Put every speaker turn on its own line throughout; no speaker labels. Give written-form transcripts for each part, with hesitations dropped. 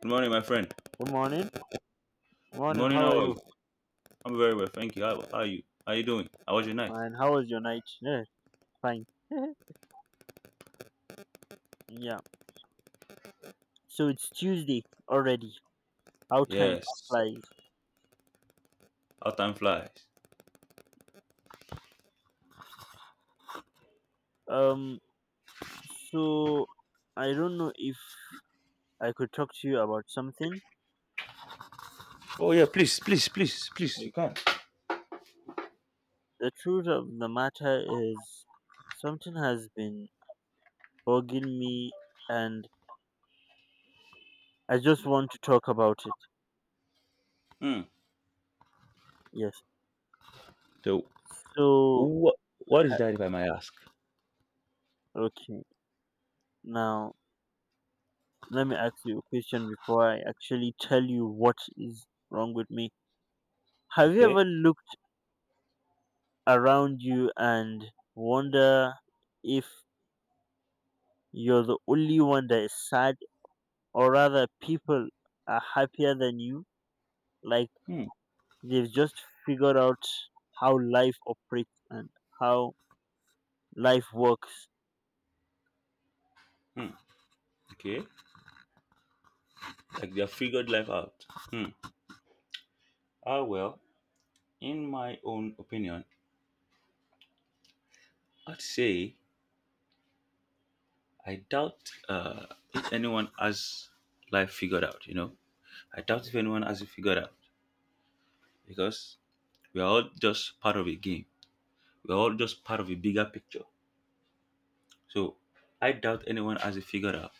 Good morning, my friend.
Good morning.
Good
Morning.
morning,
How are
how are
you?
you? I'm very well, thank you. How are you? How are you doing? How was your night?
Fine. How was your night? Yeah, fine. yeah. So it's Tuesday already. How time
Yes,
flies.
how time flies.
Um. So I don't know if I could talk to you about something.
Oh yeah, please, please, please, please, you
Like
can.
the truth of the matter is, something has been bugging me, and I just want to talk about it.
Hmm.
Yes.
So
So
what is
ha-
that if I may ask?
okay. Now let me ask you a question before I actually tell you what is wrong with me. Have you ever
Okay.
looked around you and wonder if you're the only one that is sad, or rather, people are happier than you? Like
Hmm.
they've just figured out how life operates and how life works.
Hmm. Okay. Like they have figured life out. Hmm. Ah well. In my own opinion, I'd say I doubt uh, if anyone has life figured out. I doubt if anyone has it figured out. Because we are all just part of a game. We're all just part of a bigger picture. So I doubt anyone has it figured out.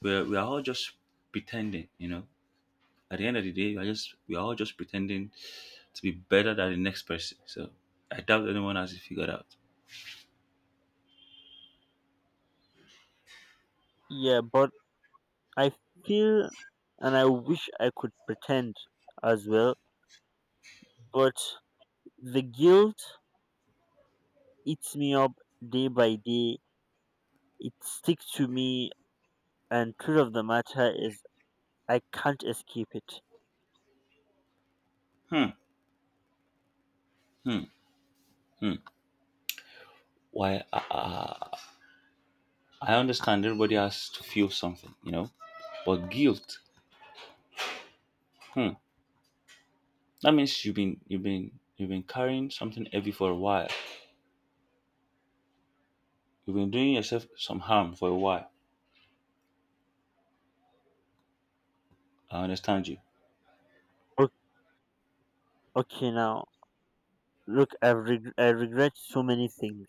We're, we are all just pretending. At the end of the day, we are just we are all just pretending to be better than the next person. So I doubt anyone has it figured out.
Yeah, but I feel and I wish I could pretend as well, but the guilt eats me up day by day. It sticks to me, and truth of the matter is I can't escape it.
Hmm, hmm, hmm. Why? I understand everybody has to feel something, but guilt. Hmm. That means you've been carrying something heavy for a while. You've been doing yourself some harm for a while. I understand you.
O- Okay, now look, I regret so many things.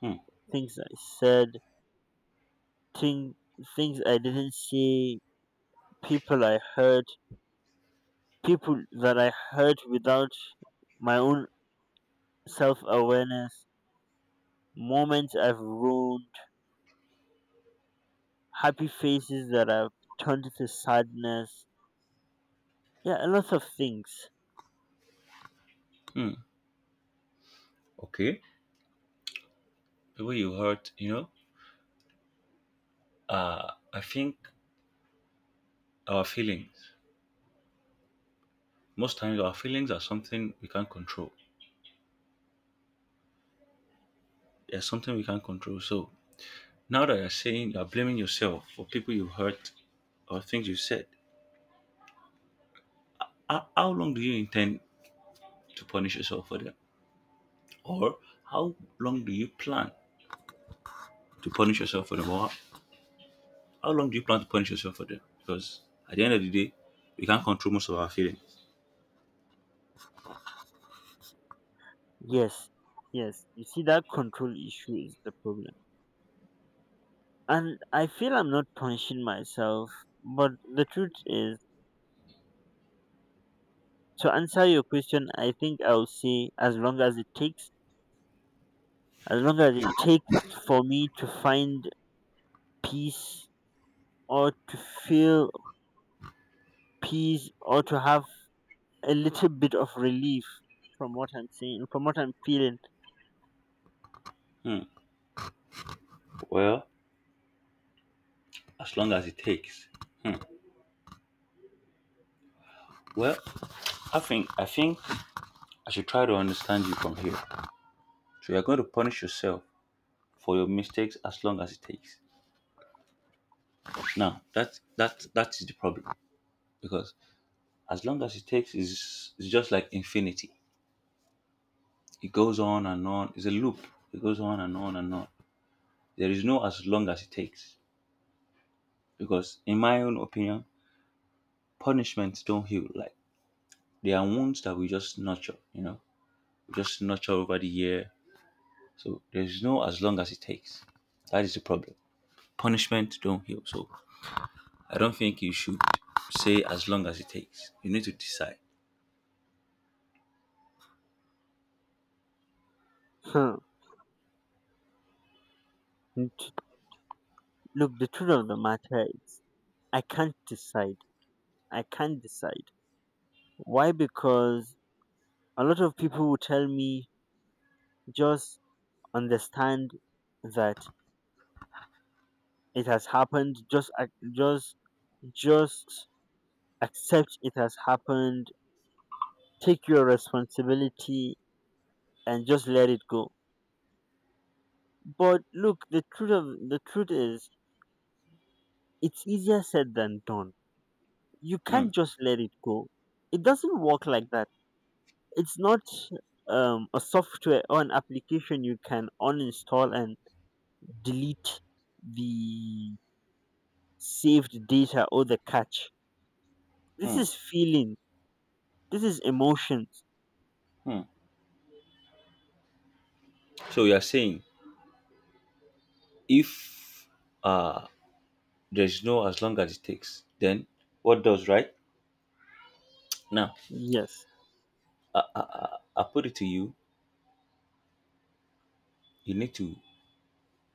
Hmm.
Things I said, thing things I didn't say, people I hurt, people that I hurt without my own self awareness, moments I've ruined, happy faces that I've turned to sadness. Yeah, a lot of things.
Hmm. Okay. People you hurt, I think our feelings, most times our feelings are something we can't control. There's something we can't control. So now that you're saying you're blaming yourself for people you hurt or things you said, how long do you intend to punish yourself for them? Or how long do you plan to punish yourself for them? Or how long do you plan to punish yourself for them? Because at the end of the day, we can't control most of our feelings.
Yes, yes. You see, that control issue is the problem. And I feel I'm not punishing myself, but the truth is, to answer your question, I think I'll say as long as it takes, as long as it takes for me to find peace or to feel peace or to have a little bit of relief from what I'm saying, from what I'm feeling.
Hmm. Well, as long as it takes. Hmm. Well, I think I should try to understand you from here. So you're going to punish yourself for your mistakes as long as it takes. Now that is the problem because as long as it takes is just like infinity. It goes on and on. It's a loop. It goes on and on and on. There is no as long as it takes because in my own opinion, punishments don't heal. Like they are wounds that we just nurture. You know, we just nurture over the year. So there's no as long as it takes. That is the problem. Punishment don't heal. So I don't think you should say as long as it takes. You need to decide.
Huh. N- t- Look, the truth of the matter is, I can't decide. I can't decide. Why? Because a lot of people will tell me just understand that it has happened just ac- just accept it has happened, take your responsibility, and just let it go. But look, the truth of the truth is it's easier said than done. You
Hmm.
can't just let it go. It doesn't work like that. It's not a software or an application you can uninstall and delete the saved data or the cache. This
Hmm.
is feeling. This is emotions.
Hmm. So you are saying if uh there's no as long as it takes, then what does right? Now
Yes.
I put it to you, you need to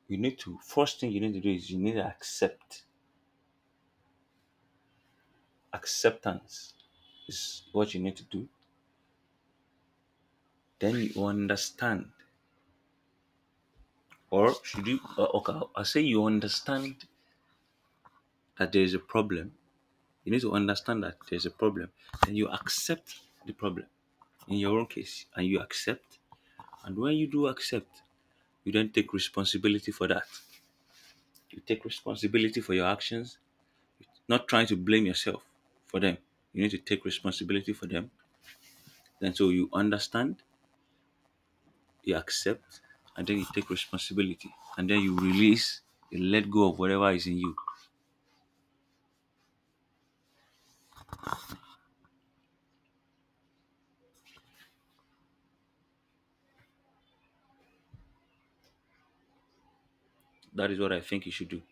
you need to first thing you need to do is you need to accept. Acceptance is what you need to do. Then you understand. Or should you okay, I say you understand that there is a problem. You need to understand that there's a problem. And you accept the problem in your own case. And you accept. And when you do accept, you then take responsibility for that. You take responsibility for your actions, not trying to blame yourself for them. You need to take responsibility for them. Then so you understand, you accept, and then you take responsibility. And then you release, you let go of whatever is in you. That is what I think you should do.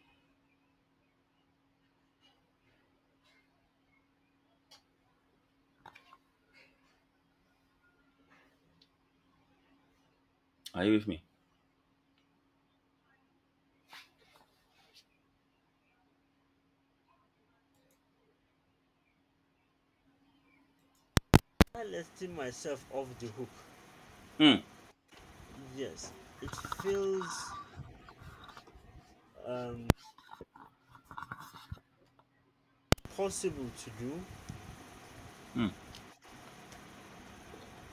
Are you with me?
While letting myself off the hook,
Hmm.
yes, it feels um, possible to do.
Hmm.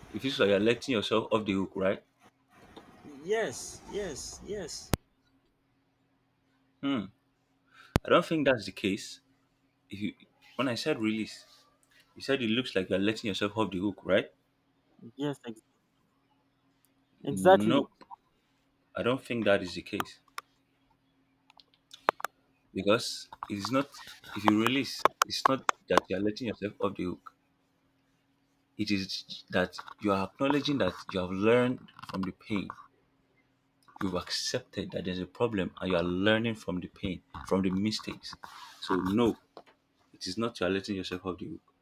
It feels like you're letting yourself off the hook, right?
Yes, yes, yes.
Hmm. I don't think that's the case. If you, when I said release, you said it looks like you're letting yourself off the hook, right?
Yes, exactly.
Nope. I don't think that is the case because it's not. If you release, it's not that you're letting yourself off the hook. It is that you are acknowledging that you have learned from the pain. You've accepted that there's a problem and you are learning from the pain, from the mistakes. So, no, it is not you're letting yourself off the hook.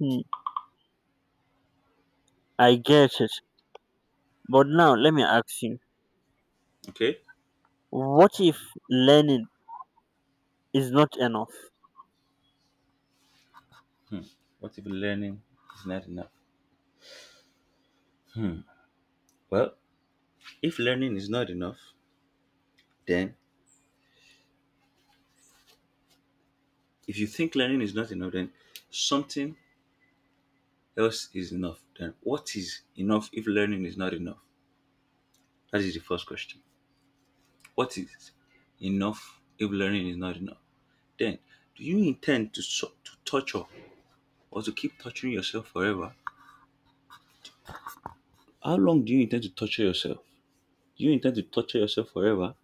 Hmm, I get it. But now let me ask you,
Okay?
what if learning is not enough?
What if learning is not enough? Well, if learning is not enough, then if you think learning is not enough, then something else is enough. Then what is enough if learning is not enough? That is the first question. What is enough if learning is not enough? Then, do you intend to to torture or to keep torturing yourself forever? How long do you intend to torture yourself? Do you intend to torture yourself forever?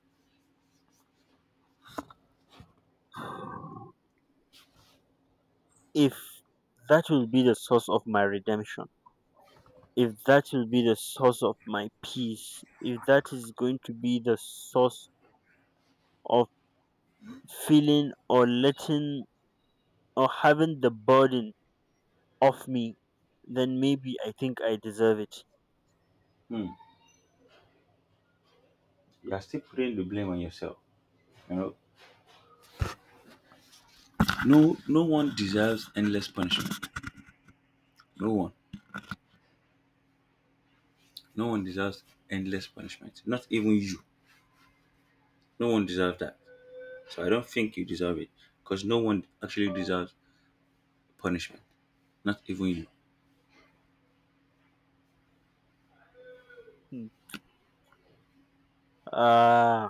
If that will be the source of my redemption, if that will be the source of my peace, if that is going to be the source of feeling or letting or having the burden off me, then maybe I think I deserve it.
Hmm. You are still putting the blame on yourself. You know, no, no one deserves endless punishment. No one. No one deserves endless punishment. Not even you. No one deserves that. So I don't think you deserve it because no one actually deserves punishment. Not even you.
Hmm. Uh,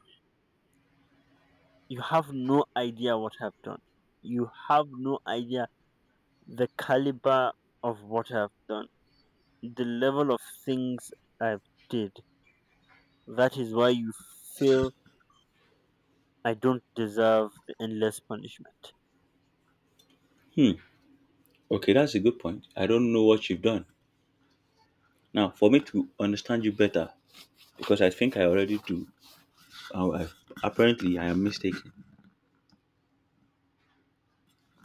you have no idea what I've done. You have no idea the caliber of what I've done, the level of things I've did. That is why you feel I don't deserve the endless punishment.
Hmm. Okay, that's a good point. I don't know what you've done. Now, for me to understand you better, because I think I already do. Oh, apparently, I am mistaken.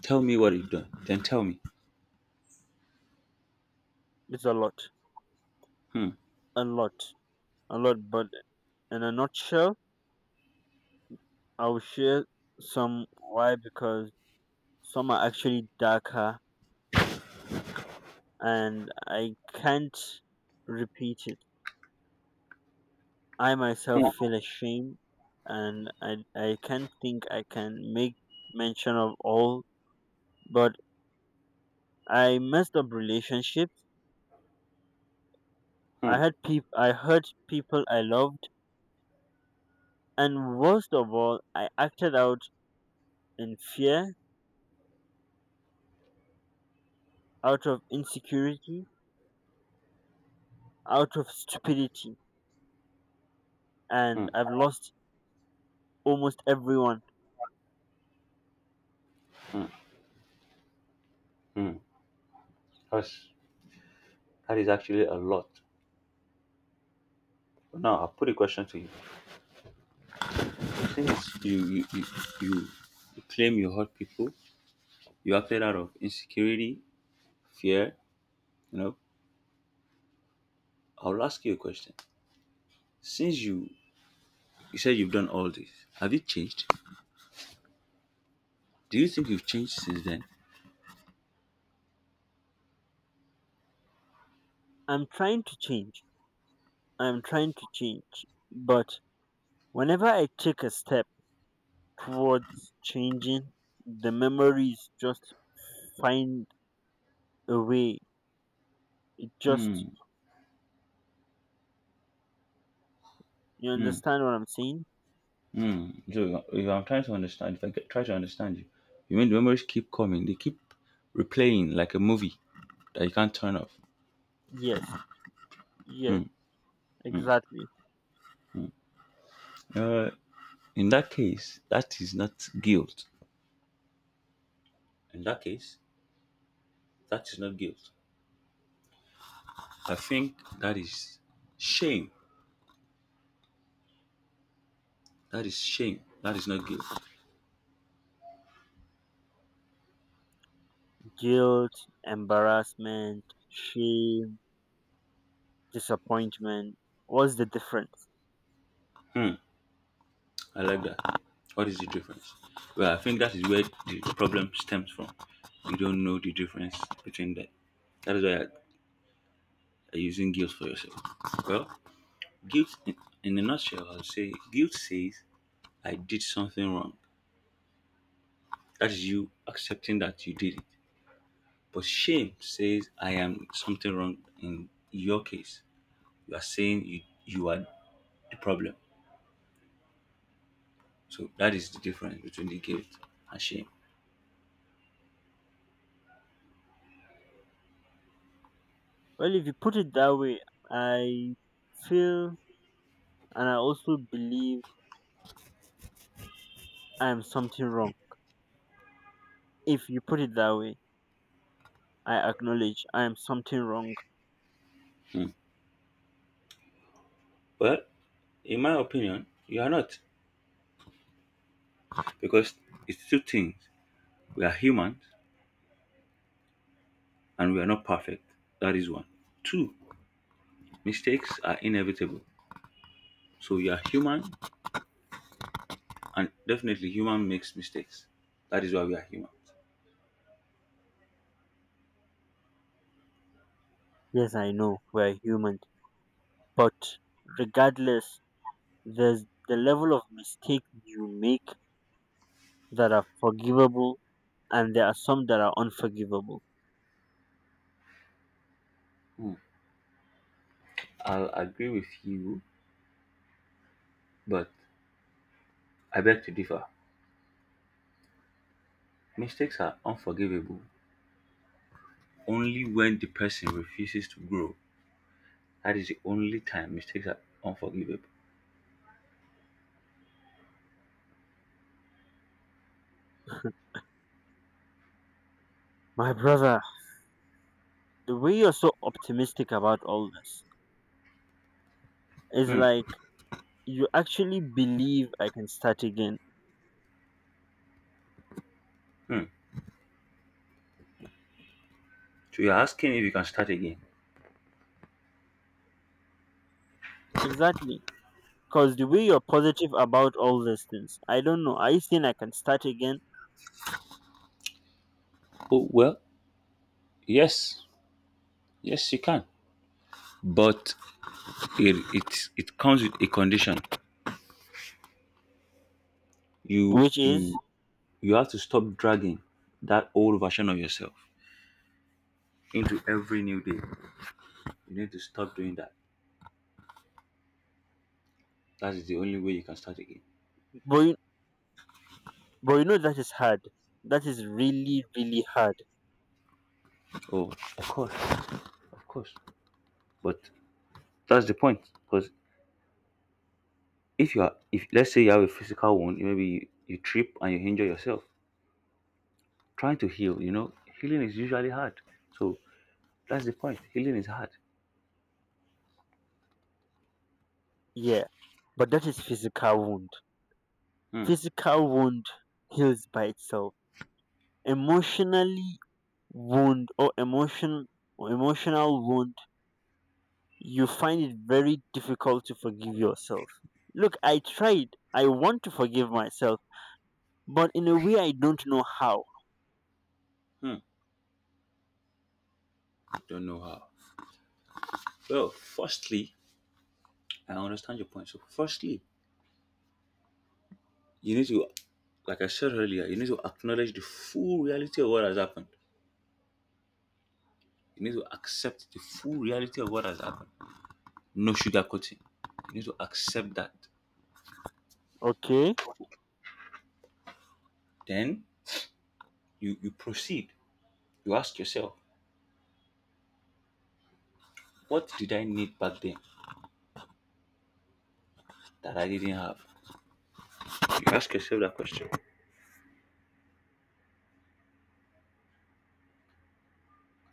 Tell me what you've done. Then tell me.
It's a lot,
Hmm.
a lot, a lot. But in a nutshell, I will share some why because some are actually darker and I can't repeat it. I
Hmm.
myself feel ashamed, and I can't think I can make mention of all. But I messed up relationships.
Hmm.
I hurt people I loved, and worst of all, I acted out in fear, out of insecurity, out of stupidity, and
Hmm.
I've lost almost everyone.
Hmm. That's, that is actually a lot. But now, I'll put a question to you. Since you, you, you, you you claim you hurt people you acted out of insecurity, fear, you know. I'll ask you a question. Since you said you've done all this, have you changed? Do you think you've changed since then?
I'm trying to change. I'm trying to change, but whenever I take a step towards changing, the memories just find a way. Just
Hmm.
you
Hmm.
understand what I'm saying?
Hmm. So if I'm trying to understand, if I get, try to understand you, you mean the memories keep coming? They keep replaying like a movie that you can't turn off.
Yes, yes, exactly.
Uh, in that case, that is not guilt. In that case, that is not guilt. I think that is shame. That is shame. That is not guilt.
Guilt, embarrassment, shame, disappointment. What's the difference?
Hmm. I like that. What is the difference? Well, I think that is where the problem stems from. You don't know the difference between that. That is why you're using guilt for yourself. Well, guilt, in a nutshell, I'll say guilt says, I did something wrong. That is you accepting that you did it. But shame says, I am something wrong. In your case, you are saying you are the problem. So that is the difference between the guilt and shame.
Well, if you put it that way, I feel and I also believe I am something wrong. If you put it that way, I acknowledge I am something wrong.
Hmm. Well, in my opinion, you are not. Because it's two things. We are humans and we are not perfect. That is one. Two, mistakes are inevitable. So you are human and definitely human makes mistakes. That is why we are humans.
Yes, I know we're human, but regardless, there's the level of mistakes you make that are forgivable, and there are some that are unforgivable.
Hmm. I'll agree with you, but I beg to differ. Mistakes are unforgivable only when the person refuses to grow. That is the only time mistakes are unforgivable.
My brother, the way you're so optimistic about all this is
Hmm.
like you actually believe I can start again.
Hmm. So you're asking if you can start again?
Exactly. Because the way you're positive about all these things, I don't know. I think I can start again,
Oh well, yes, yes you can. But it comes with a condition. You
which is,
you you have to stop dragging that old version of yourself into every new day. You need to stop doing that. That is the only way you can start again.
but you, but you know that is hard. That is really, really hard.
Oh, of course, of course. But that's the point. Because if you are, if let's say you have a physical wound, maybe you, you trip and you injure yourself, trying to heal. You know, healing is usually hard. So that's the point. Healing is hard.
Yeah. But that is physical wound.
Hmm.
Physical wound heals by itself. Emotionally wound or emotional wound, you find it very difficult to forgive yourself. Look, I tried. I want to forgive myself, but in a way I don't know how.
Hmm. Don't know how. Well, firstly, I understand your point. So, firstly, you need to, like I said earlier, you need to acknowledge the full reality of what has happened. You need to accept the full reality of what has happened. No sugarcoating. You need to accept that.
Okay.
Then you proceed. You ask yourself, what did I need back then that I didn't have? You ask yourself that question.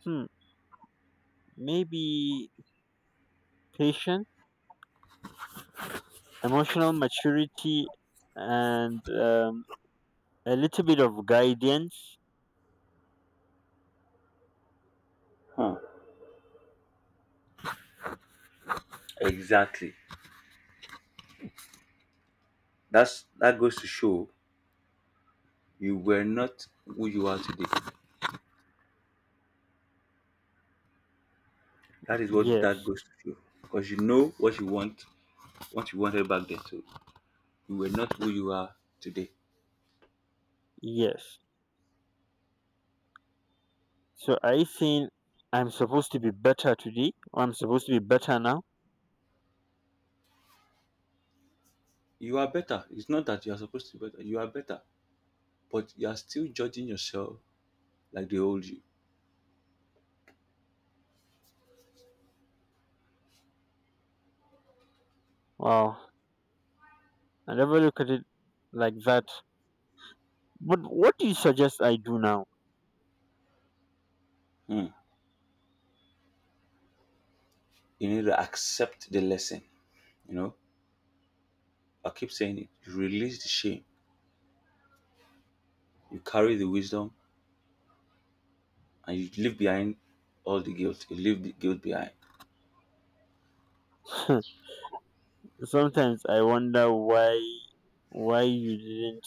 Hmm. Maybe patience, emotional maturity, and a little bit of guidance.
Huh. Exactly. That's that goes to show you were not who you are today. That is what that
Yes,
goes to show. Because you know what you want, what you wanted back then. So you were not who you are today.
yes. So I think I'm supposed to be better today, or I'm supposed to be better now.
You are better. It's not that you are supposed to be better. You are better, but you are still judging yourself like the old you.
Wow. I never look at it like that. But what do you suggest I do now?
Hmm. You need to accept the lesson. You know, I keep saying it. You release the shame. You carry the wisdom, and you leave behind all the guilt. You leave the guilt behind.
Sometimes I wonder why you didn't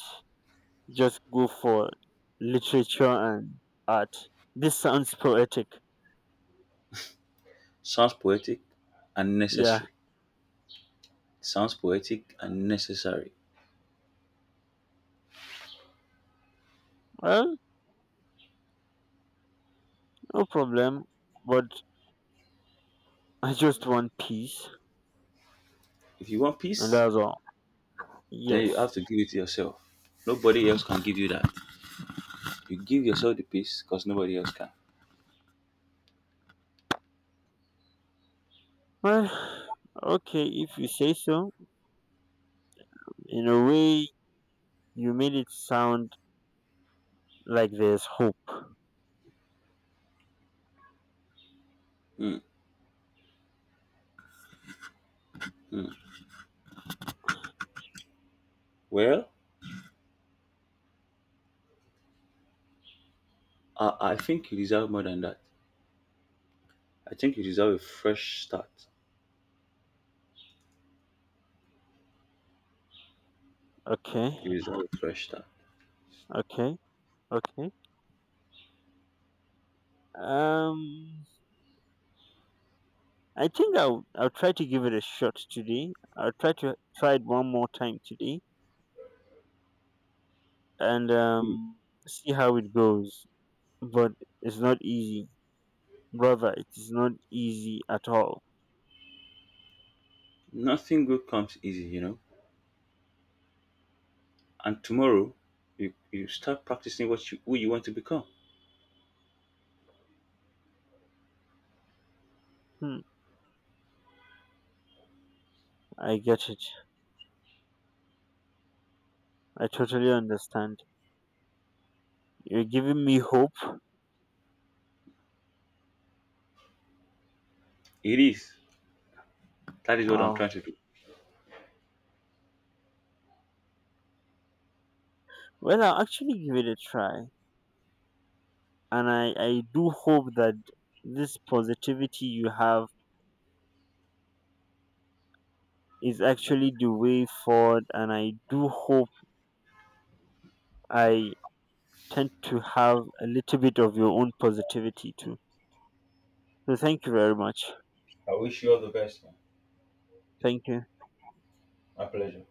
just go for literature and art. This sounds poetic.
Sounds poetic and
Yeah.
necessary. Sounds poetic and necessary.
Well, no problem. But I just want peace,
If you want
and
peace,
that's all.
then you
Yes.
have to give it to yourself. Nobody else can give you that. You give yourself the peace because nobody else can.
Well, okay, if you say so. In a way you made it sound like there's hope.
Hmm. Well, I think you deserve more than that. I think you deserve a fresh start. You
Okay.
deserve a fresh start.
Okay. Okay. Um I think I'll try to give it a shot today. I'll try to try it one more time today, and
Mm,
see how it goes. But it's not easy, brother. It is not easy at all.
nothing good comes easy, you know. And tomorrow, you start practicing what you who you want to become.
Hmm, I get it. I totally understand. You're giving me hope.
It is. That is what I'm
Wow.
trying to do.
Well, I'll actually give it a try, and I do hope that this positivity you have is actually the way forward. And I do hope I tend to have a little bit of your own positivity too. So thank you very much.
I wish you all the best, man.
Thank you.
My pleasure.